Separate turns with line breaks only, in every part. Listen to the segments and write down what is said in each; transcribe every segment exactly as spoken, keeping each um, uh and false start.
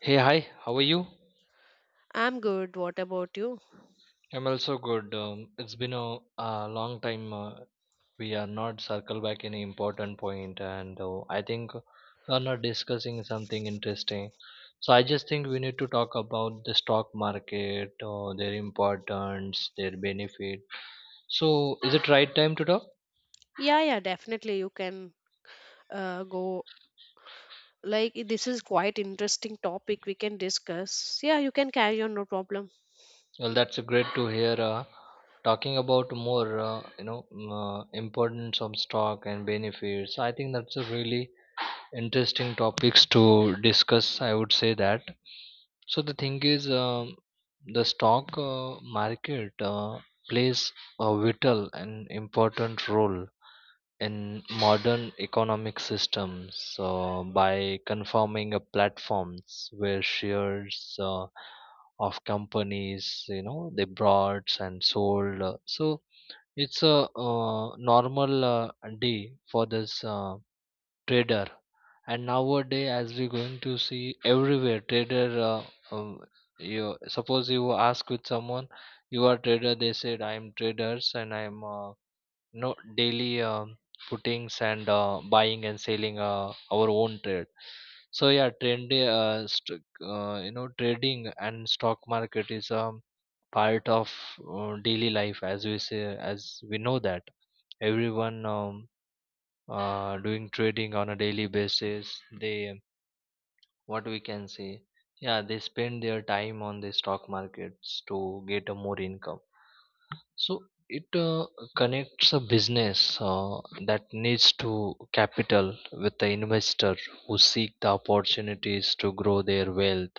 Hey, hi, how are you?
I'm good. What about you?
I'm also good. Um, it's been a, a long time. Uh, we are not circle back any important point, and uh, I think we are not discussing something interesting. So I just think we need to talk about the stock market, uh, their importance, their benefit. So is it right time to talk?
Yeah, yeah, definitely. You can uh, go. Like, i- this is quite interesting topic we can discuss. Yeah, you can carry on, no problem.
Well, that's great to hear. Uh, talking about more, uh, you know, mm, uh, importance of stock and benefits. I think that's a really interesting topics to discuss, I would say that. So the thing is, um, the stock uh, market uh, plays a vital and important role in modern economic systems. So by confirming a platforms where shares uh, of companies, you know, they brought and sold, uh, so it's a uh, normal uh, day for this uh, trader. And nowadays, as we're going to see, everywhere trader, uh, um, you suppose you ask with someone, you are trader, they said I'm traders and I'm uh, no daily, um, puttings and uh, buying and selling uh, our own trade. So yeah, trend, uh, st- uh, you know, trading and stock market is, um, part of uh, daily life, as we say, as we know that everyone, um, uh, doing trading on a daily basis. They, what we can say, yeah, they spend their time on the stock markets to get a more income. So it uh, connects a business uh, that needs to capital with the investor who seek the opportunities to grow their wealth.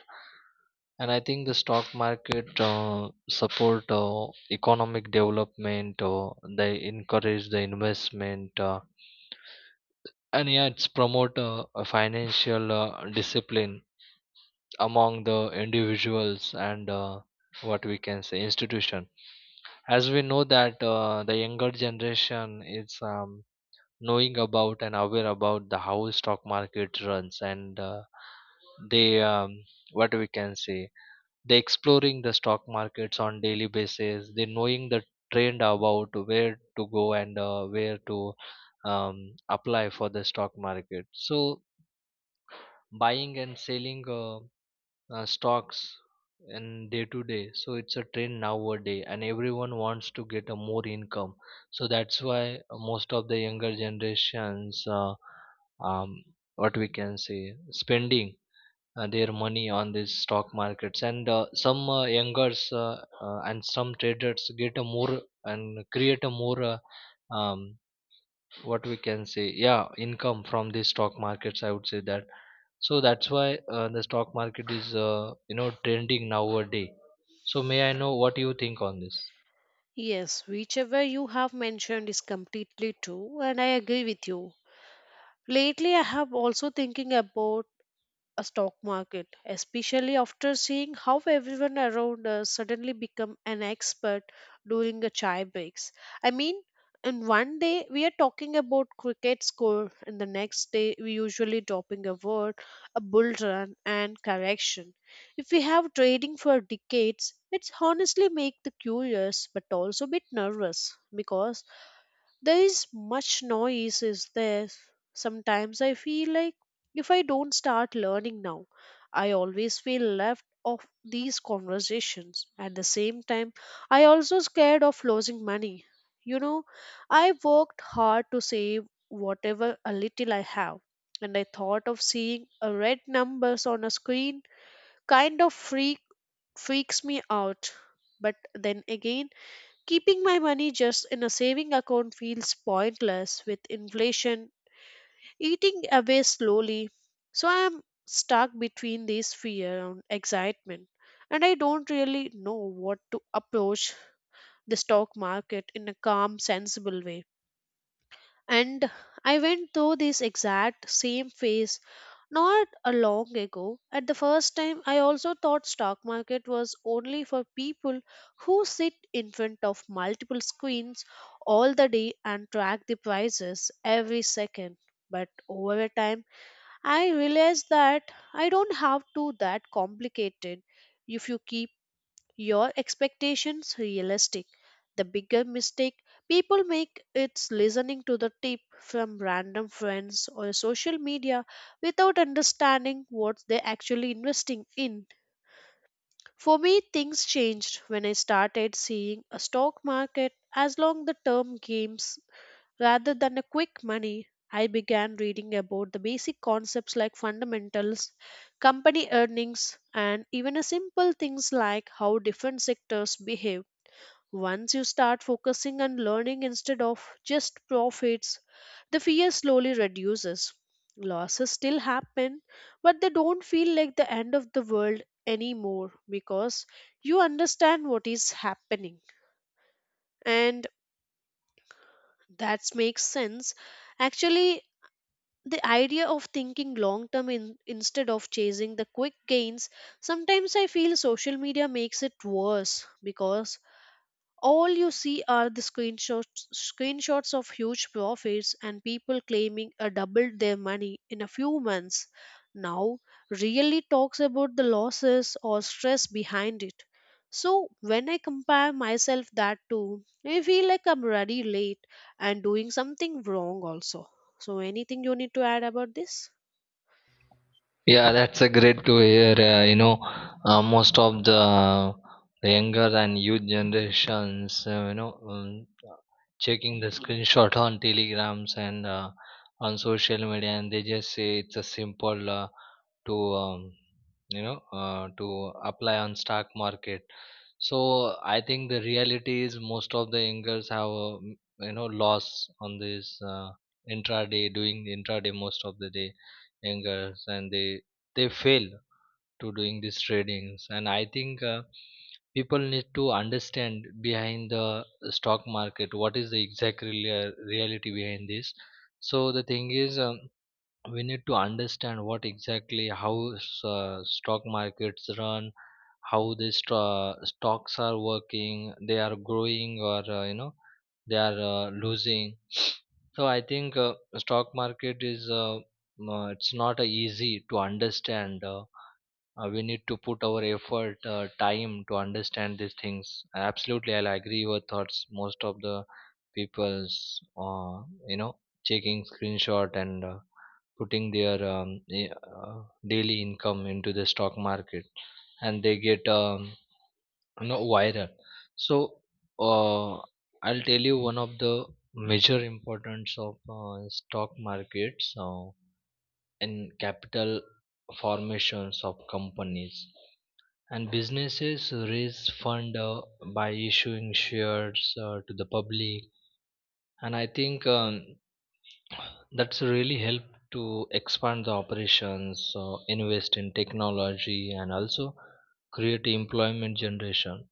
And I think the stock market uh, support uh, economic development. Uh, they encourage the investment, uh, and yeah, it's promote uh, a financial uh, discipline among the individuals and, uh, what we can say, institution. As we know that, uh, the younger generation is, um, knowing about and aware about the how stock market runs. And uh, they, um, what we can say, they exploring the stock markets on daily basis. They knowing the trend about where to go and uh, where to, um, apply for the stock market. So buying and selling, uh, uh, stocks in day to day. So it's a trend nowadays and everyone wants to get a more income. So that's why uh, most of the younger generations, uh, um, what we can say, spending uh, their money on these stock markets. And uh, some uh, youngers uh, uh, and some traders get a more and create a more, uh, um, what we can say, yeah, income from these stock markets, I would say that. So that's why uh, the stock market is, uh, you know, trending nowadays. So may I know what you think on this?
Yes, whichever you have mentioned is completely true, and I agree with you. Lately, I have also thinking about a stock market, especially after seeing how everyone around us suddenly become an expert during the chai breaks. I mean, in one day we are talking about cricket score, and the next day we usually dropping a word, a bull run, and correction. If we have trading for decades, it's honestly make the curious but also a bit nervous because there is much noise is there. Sometimes I feel like if I don't start learning now, I always feel left of these conversations. At the same time, I also scared of losing money, you know, I worked hard to save whatever a little I have. And I thought of seeing a red numbers on a screen kind of freak freaks me out. But then again, keeping my money just in a saving account feels pointless with inflation eating away slowly. So I am stuck between this fear and excitement. And I don't really know what to approach the stock market in a calm, sensible way. And I went through this exact same phase not a long ago. At the first time, I also thought stock market was only for people who sit in front of multiple screens all the day and track the prices every second. But over a time, I realized that I don't have to that complicated. If you keep your expectations realistic. The bigger mistake people make is listening to the tip from random friends or social media without understanding what they're actually investing in. For me, things changed when I started seeing a stock market as long the term games rather than a quick money. I began reading about the basic concepts like fundamentals, company earnings, and even a simple things like how different sectors behave. Once you start focusing on learning instead of just profits, the fear slowly reduces. Losses still happen, but they don't feel like the end of the world anymore because you understand what is happening. And that makes sense. Actually, the idea of thinking long term in, instead of chasing the quick gains sometimes I feel social media makes it worse because all you see are the screenshots, screenshots of huge profits and people claiming a doubled their money in a few months. Now, really talks about the losses or stress behind it. So, when I compare myself that to, I feel like I'm already late and doing something wrong also. So, anything you need to add about this?
Yeah, that's a great to hear. Uh, you know, uh, most of the younger and youth generations, uh, you know, um, checking the screenshot on telegrams and uh, on social media, and they just say it's a simple uh, to, um, you know uh, to apply on stock market. So I think the reality is most of the youngers have uh, m- you know, loss on this, uh, intraday, doing the intraday most of the day youngers. And they they fail to doing these tradings. And I think uh, people need to understand behind the stock market what is the exact real, reality behind this. So the thing is, um, we need to understand what exactly how s- uh, stock markets run, how the sto- stocks are working, they are growing or, uh, you know, they are uh, losing. So I think uh, stock market is, uh, uh, it's not uh, easy to understand. Uh, uh, we need to put our effort, uh, time to understand these things. Absolutely, I'll agree your thoughts. Most of the people's, uh, you know, checking screenshot and uh, putting their, um, eh, uh, daily income into the stock market, and they get, um, you know, viral. So uh, I'll tell you one of the major importance of uh, stock markets uh, in capital formations of companies and businesses raise fund uh, by issuing shares uh, to the public. And I think, um, that's really helped to expand the operations, uh, invest in technology, and also create employment generation.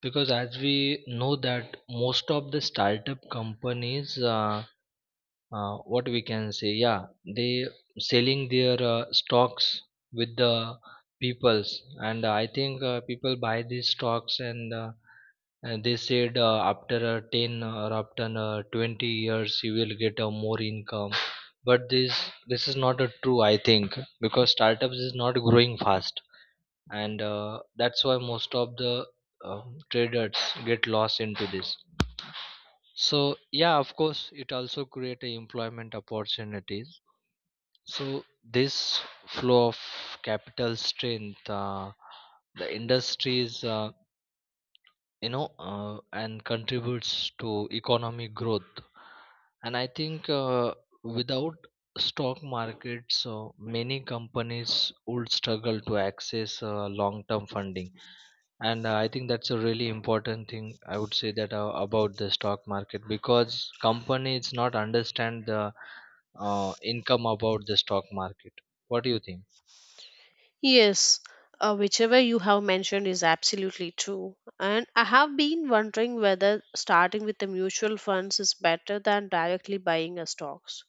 Because as we know that most of the startup companies, uh, uh, what we can say, yeah, they selling their uh, stocks with the peoples. And I think uh, people buy these stocks, and, uh, and they said uh, after uh, ten or after uh, twenty years you will get a more income. But this this is not a true, I think, because startups is not growing fast. And uh, that's why most of the uh, traders get lost into this. So yeah, of course, it also create a employment opportunities. So this flow of capital strength, uh, the industries, uh, you know, uh, and contributes to economic growth. And I think uh, without stock markets, uh, many companies would struggle to access uh, long-term funding. And uh, I think that's a really important thing, I would say that, uh, about the stock market, because companies not understand the uh, income about the stock market. What do you think?
Yes, uh, whichever you have mentioned is absolutely true. And I have been wondering whether starting with the mutual funds is better than directly buying a stocks.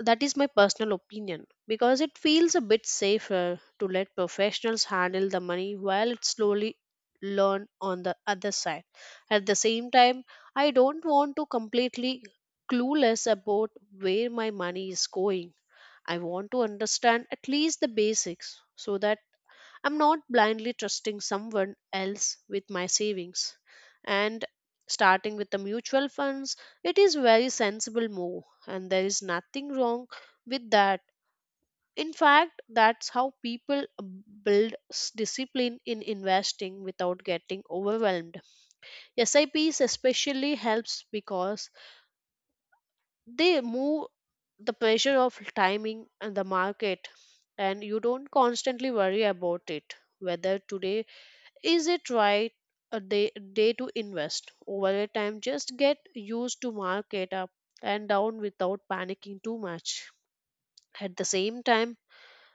That is my personal opinion because it feels a bit safer to let professionals handle the money while it slowly learn on the other side. At the same time, I don't want to completely clueless about where my money is going. I want to understand at least the basics so that I'm not blindly trusting someone else with my savings. And starting with the mutual funds, it is very sensible move and there is nothing wrong with that. In fact, that's how people build s- discipline in investing without getting overwhelmed. S I Ps especially helps because they move the pressure of timing and the market and you don't constantly worry about it whether today is it right a day, day to invest? Over a time, just get used to market up and down without panicking too much. At the same time,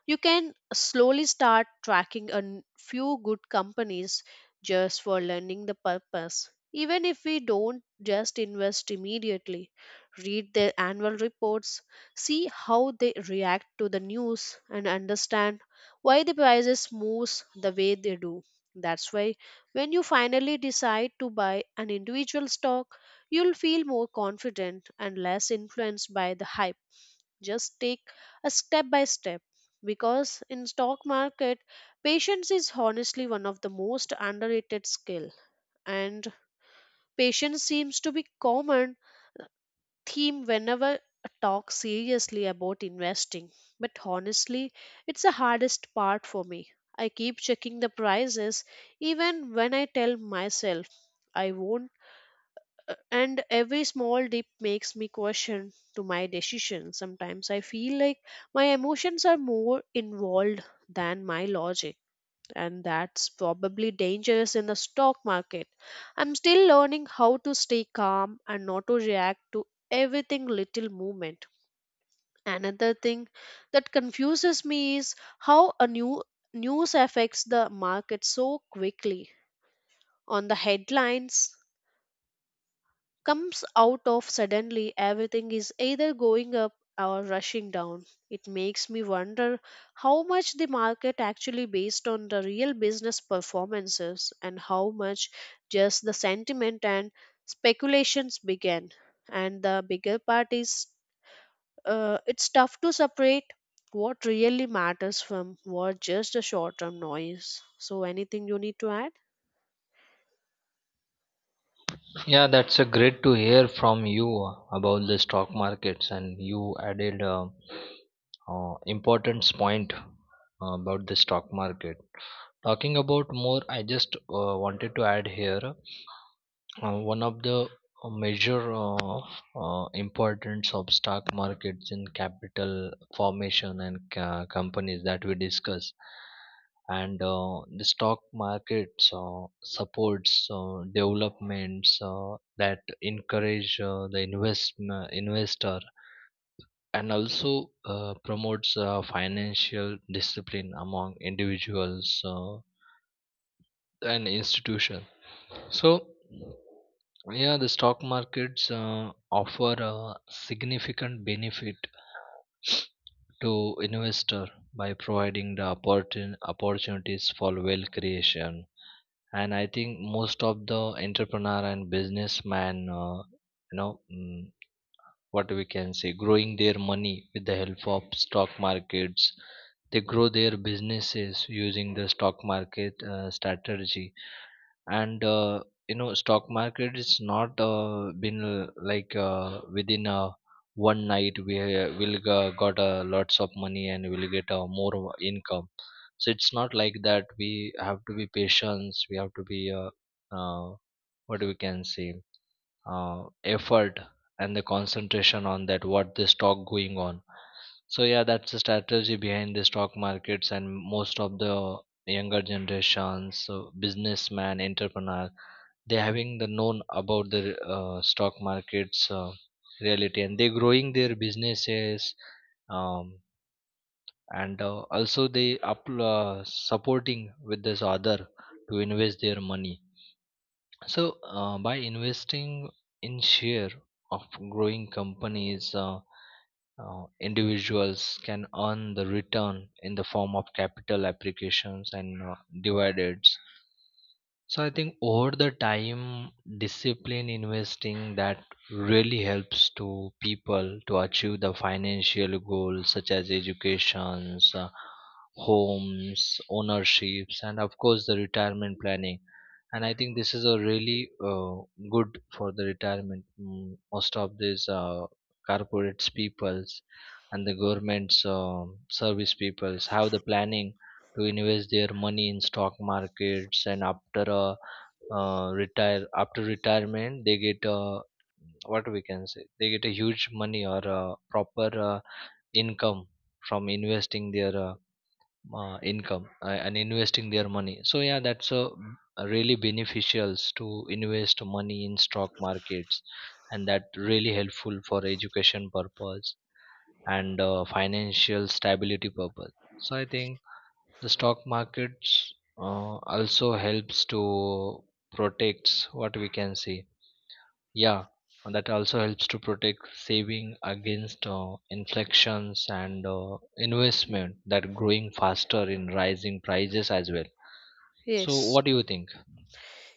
you can slowly start tracking a n- few good companies just for learning the purpose. Even if we don't just invest immediately, read their annual reports, see how they react to the news, and understand why the prices moves the way they do. That's why when you finally decide to buy an individual stock, you'll feel more confident and less influenced by the hype. Just take a step by step because in stock market patience is honestly one of the most underrated skill. And patience seems to be common theme whenever I talk seriously about investing, but honestly it's the hardest part for me. I keep checking the prices even when I tell myself I won't. Uh, and every small dip makes me question to my decision. Sometimes I feel like my emotions are more involved than my logic, and that's probably dangerous in the stock market. I'm still learning how to stay calm and not to react to everything little movement. Another thing that confuses me is how a new news affects the market so quickly on the headlines comes out of suddenly everything is either going up or rushing down. It makes me wonder how much the market actually based on the real business performances and how much just the sentiment and speculations began. And the bigger part is uh, it's tough to separate what really matters from what just a short term noise. So anything you need to add?
Yeah, that's a great to hear from you uh, about the stock markets. And you added uh, uh, important point uh, about the stock market. Talking about more, I just uh, wanted to add here, Uh, one of the uh, major uh, uh, importance of stock markets in capital formation and ca- companies that we discuss. And uh, the stock markets uh, supports uh, developments uh, that encourage uh, the invest investor, and also uh, promotes uh, financial discipline among individuals uh, and institutions. So yeah, the stock markets uh, offer a significant benefit to investor by providing the opportun- opportunities for wealth creation. And I think most of the entrepreneur and businessman, uh, you know, mm, what we can say, growing their money with the help of stock markets. They grow their businesses using the stock market uh, strategy. And uh, you know, stock market is not uh, been uh, like uh, within uh, one night we uh, will go- got uh, lots of money, and we'll get uh, more income. So it's not like that. We have to be patient. We have to be, uh, uh, what we can say, uh, effort and the concentration on that, what the stock going on. So yeah, that's the strategy behind the stock markets. And most of the younger generations, so businessman entrepreneur, they having the known about the uh, stock markets, uh, reality, and they growing their businesses, um, and uh, also they up, uh, supporting with this other to invest their money. So, uh, by investing in share of growing companies, uh, uh, individuals can earn the return in the form of capital applications and, uh, dividends. So I think over the time, discipline investing that really helps to people to achieve the financial goals such as educations, uh, homes, ownerships, and of course the retirement planning. And I think this is a really uh, good for the retirement. Mm, most of these uh, corporates peoples and the government's um service peoples have the planning to invest their money in stock markets. And after a uh, retire after retirement, they get a, what we can say, they get a huge money or a proper uh, income from investing their uh, uh, income uh, and investing their money. So yeah, that's a a really beneficials to invest money in stock markets, and that really helpful for education purpose and uh, financial stability purpose. So I think the stock markets uh, also helps to protects, what we can say, yeah, and that also helps to protect saving against uh, inflections, and uh, investment that growing faster in rising prices as well. So
Yes.
what do you think?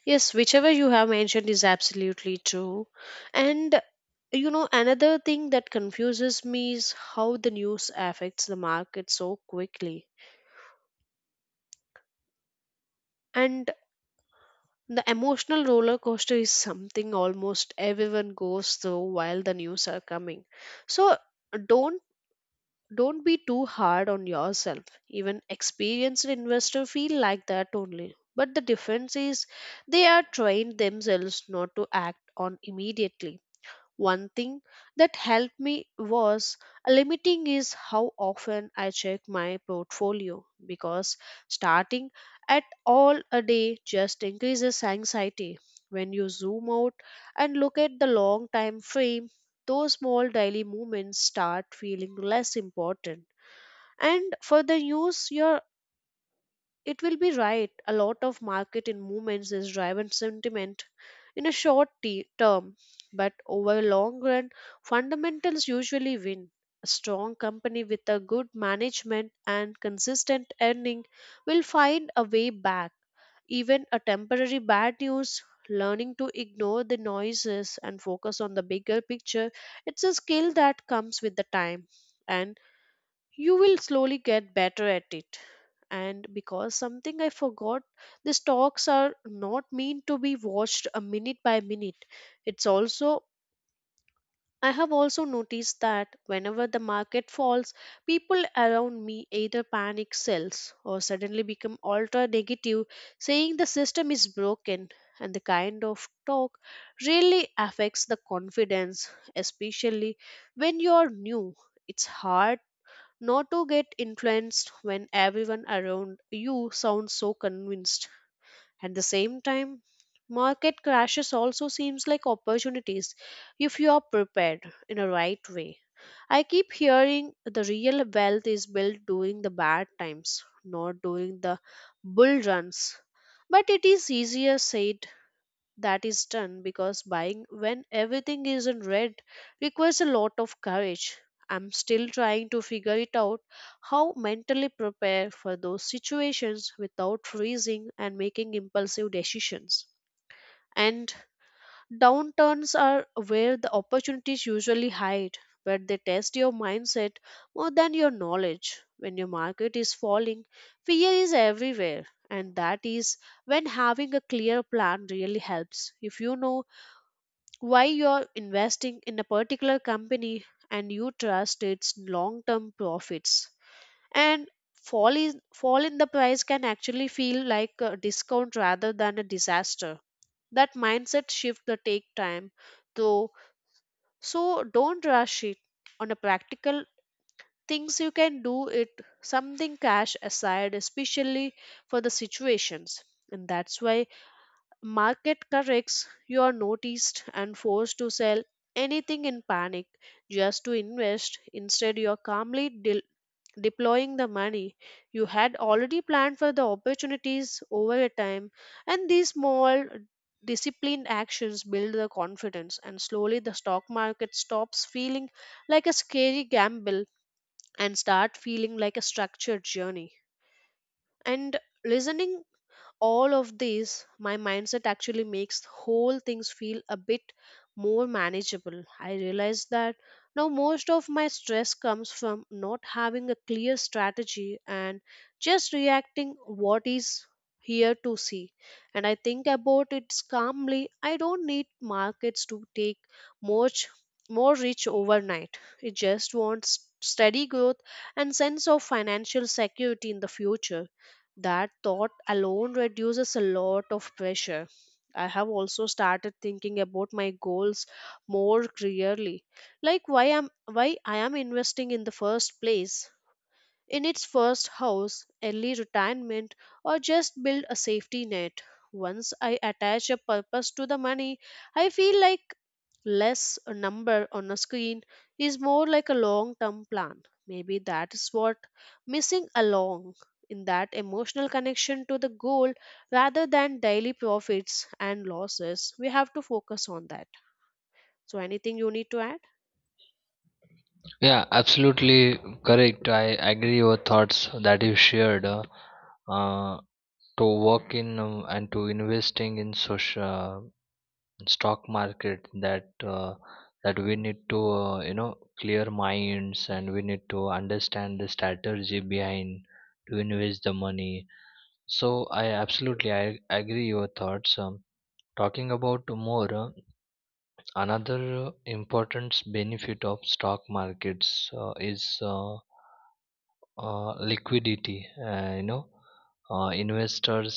Yes, whichever you have mentioned is absolutely true. And you know, another thing that confuses me is how the news affects the market so quickly. And the emotional roller coaster is something almost everyone goes through while the news are coming. So don't don't be too hard on yourself. Even experienced investor feel like that only. But the difference is they are trained themselves not to act on immediately. One thing that helped me was uh, limiting is how often I check my portfolio because starting at all a day just increases anxiety. When you zoom out and look at the long time frame, those small daily movements start feeling less important. And further use your it will be right. A lot of market in movements is driven sentiment in a short t- term, but over a long run, fundamentals usually win. A strong company with a good management and consistent earning will find a way back. Even a temporary bad news, learning to ignore the noises and focus on the bigger picture, it's a skill that comes with the time. And you will slowly get better at it. And because something I forgot, these talks are not meant to be watched a minute by minute. It's also, I have also noticed that whenever the market falls, people around me either panic, sells, or suddenly become ultra negative, saying the system is broken. And the kind of talk really affects the confidence, especially when you're new. It's hard not to get influenced when everyone around you sounds so convinced. At the same time, market crashes also seems like opportunities if you are prepared in a right way. I keep hearing the real wealth is built during the bad times, not during the bull runs. But it is easier said that is done because buying when everything is in red requires a lot of courage. I'm still trying to figure it out how mentally prepare for those situations without freezing and making impulsive decisions. And downturns are where the opportunities usually hide, where they test your mindset more than your knowledge. When your market is falling, fear is everywhere, and that is when having a clear plan really helps. If you know why you're investing in a particular company and you trust its long term profits and fall in fall in the price can actually feel like a discount rather than a disaster. That mindset shift will take time though, so don't rush it. On a practical things you can do it, something cash aside especially for the situations. And that's why market corrects, you are noticed and forced to sell anything in panic just to invest. Instead, you are calmly de- deploying the money you had already planned for the opportunities over a time, and these small disciplined actions build the confidence and slowly the stock market stops feeling like a scary gamble and start feeling like a structured journey. And listening all of this my mindset actually makes whole things feel a bit more manageable. I realize that now most of my stress comes from not having a clear strategy and just reacting what is here to see. And I think about it calmly I don't need markets to take much more rich overnight. It just wants steady growth and sense of financial security in the future. That thought alone reduces a lot of pressure. I have also started thinking about my goals more clearly. Like why I'm why I am investing in the first place in its first house, early retirement, or just build a safety net. Once I attach a purpose to the money, I feel like less a number on a screen is more like a long term plan. Maybe that is what missing along in that emotional connection to the goal rather than daily profits and losses. We have to focus on that. So, anything you need to add?
Yeah, absolutely correct. I agree your thoughts that you shared, uh, uh, to work in, um, and to investing in social stock market, that uh, that we need to, uh, you know, clear minds, and we need to understand the strategy behind to invest the money. So I absolutely, I agree your thoughts. Um, talking about more, uh, another important benefit of stock markets uh, is uh, uh, liquidity. Uh, you know uh, investors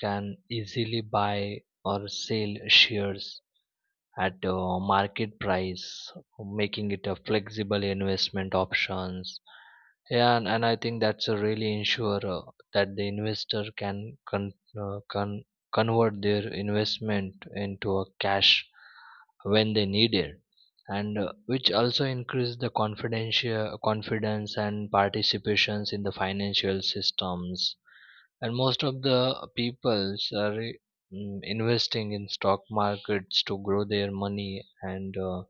can easily buy or sell shares at uh, market price, making it a flexible investment options. Yeah, and, and I think that's a really ensure uh, that the investor can con- uh, con- convert their investment into a cash when they need it. And uh, which also increase the confidential confidence and participations in the financial systems. And most of the peoples are, mm, investing in stock markets to grow their money, and uh,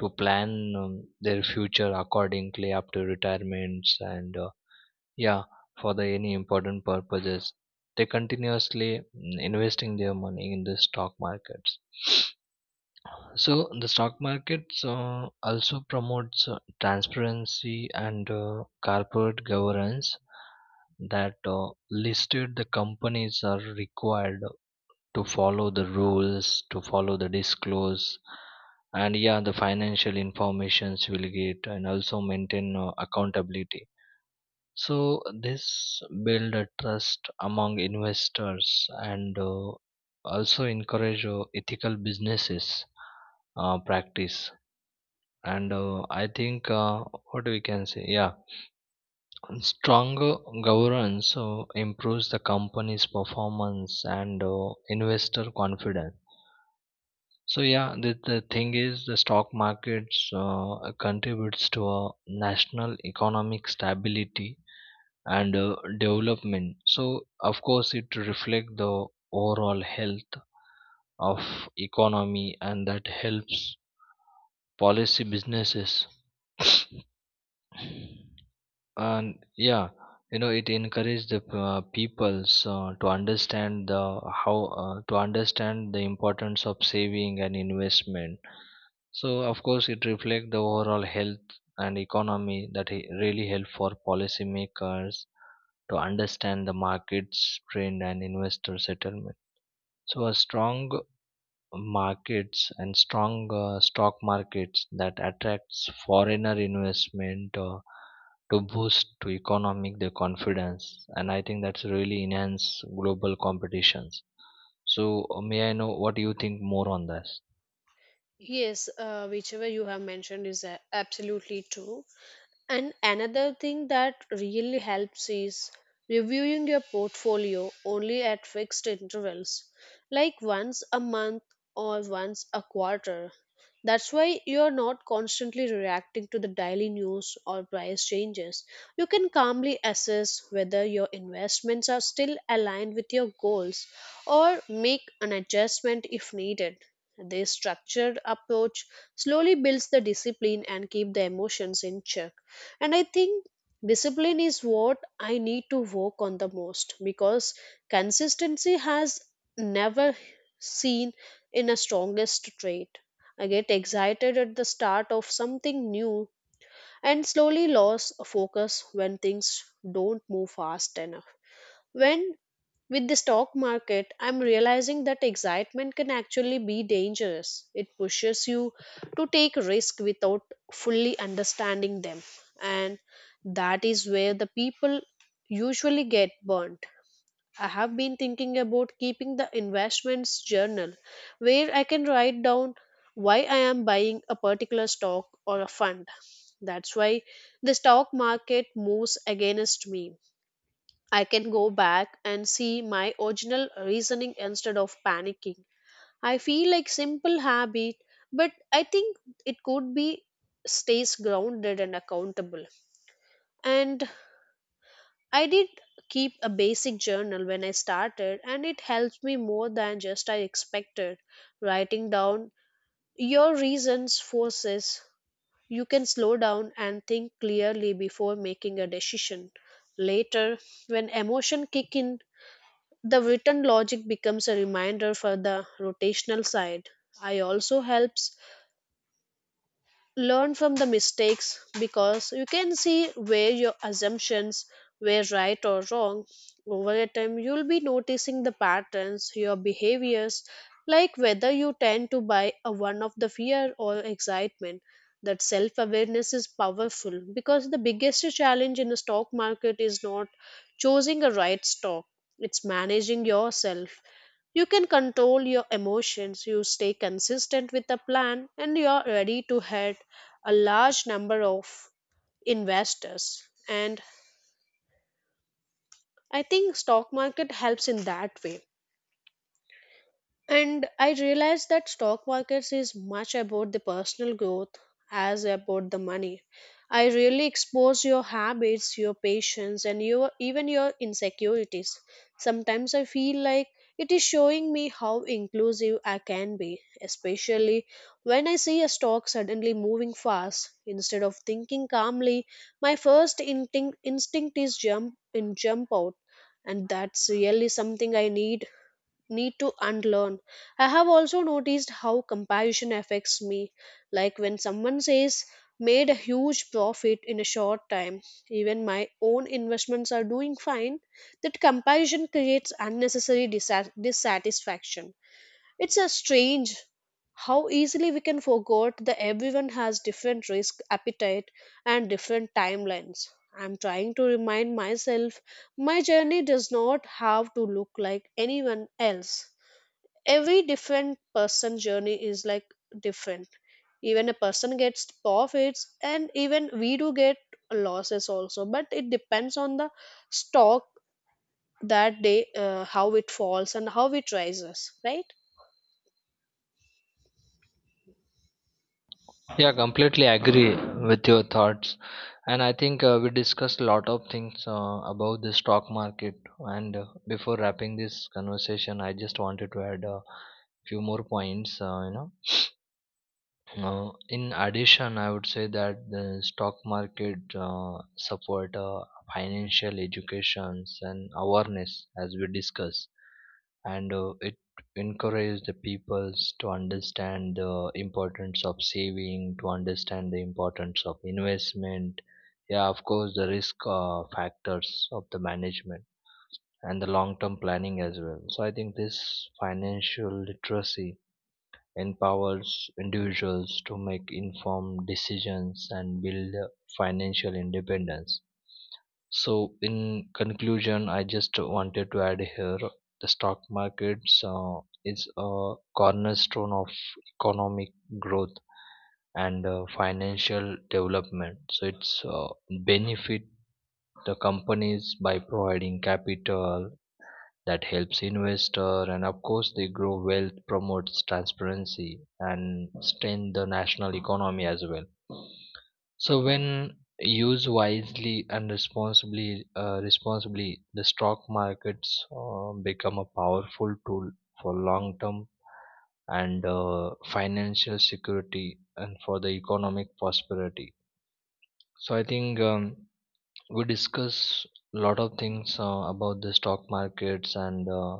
to plan, um, their future accordingly after retirements. And uh, yeah, for the any important purposes, they continuously, mm, investing their money in the stock markets. So the stock markets uh, also promotes uh, transparency and uh, corporate governance. That uh, listed the companies are required to follow the rules, to follow the disclose, and yeah, the financial informations will get and also maintain uh, accountability. So this build a trust among investors. And uh, also encourage uh, ethical businesses uh, practice. And uh, I think, uh, what we can say, yeah, stronger governance uh, improves the company's performance and uh, investor confidence. So yeah, the, the thing is, the stock markets uh, contributes to a national economic stability and uh, development. So of course it reflects the overall health of economy, and that helps policy businesses. And yeah, you know, it encourages the uh, peoples uh, to understand the how uh, to understand the importance of saving and investment. So of course it reflects the overall health and economy, that it really help for policymakers to understand the markets trend and investor settlement. So a strong markets and strong uh, stock markets that attracts foreigner investment uh, to boost to economic their confidence. And I think that's really enhance global competitions. So uh, may I know what do you think more on this?
Yes, uh, whichever you have mentioned is uh, absolutely true. And another thing that really helps is reviewing your portfolio only at fixed intervals, like once a month or once a quarter. That's why you're not constantly reacting to the daily news or price changes. You can calmly assess whether your investments are still aligned with your goals or make an adjustment if needed. This structured approach slowly builds the discipline and keep the emotions in check. And I think discipline is what I need to work on the most, because consistency has never seen in a strongest trait. I get excited at the start of something new and slowly lose focus when things don't move fast enough. When with the stock market, I'm realizing that excitement can actually be dangerous. It pushes you to take risk without fully understanding them. And that is where the people usually get burnt. I have been thinking about keeping the investments journal, where I can write down why I am buying a particular stock or a fund. That's why the stock market moves against me, I can go back and see my original reasoning instead of panicking. I feel like simple habit, but I think it could be stays grounded and accountable. And I did keep a basic journal when I started, and it helped me more than just I expected. Writing down your reasons forces you can slow down and think clearly before making a decision. Later, when emotion kick in, the written logic becomes a reminder for the rotational side. I also helps learn from the mistakes, because you can see where your assumptions were right or wrong. Over a time, you'll be noticing the patterns, your behaviors, like whether you tend to buy a one of the fear or excitement. That self awareness is powerful, because the biggest challenge in the stock market is not choosing a right stock, it's managing yourself. You can control your emotions, you stay consistent with the plan, and you are ready to head a large number of investors. And I think stock market helps in that way. And I realized that stock markets is much about the personal growth as about the money. I really expose your habits, your patience, and your even your insecurities. Sometimes I feel like it is showing me how inclusive I can be, especially when I see a stock suddenly moving fast. Instead of thinking calmly, my first instinct instinct is jump and jump out, and that's really something I need need to unlearn. I have also noticed how comparison affects me. Like when someone says, made a huge profit in a short time, even my own investments are doing fine, that comparison creates unnecessary dissat- dissatisfaction. It's a strange how easily we can forget that everyone has different risk appetite and different timelines. I'm trying to remind myself my journey does not have to look like anyone else. Every different person journey is like different. Even a person gets profits and even we do get losses also, but it depends on the stock that day, uh, how it falls and how it rises, right?
Yeah, completely agree with your thoughts. And I think uh, we discussed a lot of things uh, about the stock market. And uh, before wrapping this conversation, I just wanted to add a few more points. Uh, you know, uh, in addition, I would say that the stock market uh, support uh, financial educations and awareness, as we discuss. And uh, it encourages the peoples to understand the importance of saving, to understand the importance of investment. Yeah, of course, the risk uh, factors of the management and the long-term planning as well. So I think this financial literacy empowers individuals to make informed decisions and build financial independence. So, in conclusion, I just wanted to add here the stock markets uh, is a cornerstone of economic growth and uh, financial development. So, it's uh, benefit the companies by providing capital that helps investor, and of course they grow wealth, promotes transparency and strengthen the national economy as well. So when used wisely and responsibly, uh, responsibly the stock markets uh, become a powerful tool for long term and uh, financial security and for the economic prosperity. So I think, um, we discuss a lot of things uh, about the stock markets. And uh,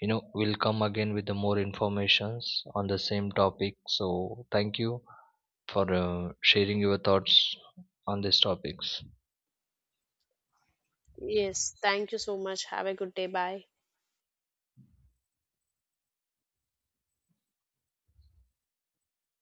you know, we'll come again with the more informations on the same topic. So thank you for uh, sharing your thoughts on these topics.
Yes, thank you so much. Have a good day. Bye.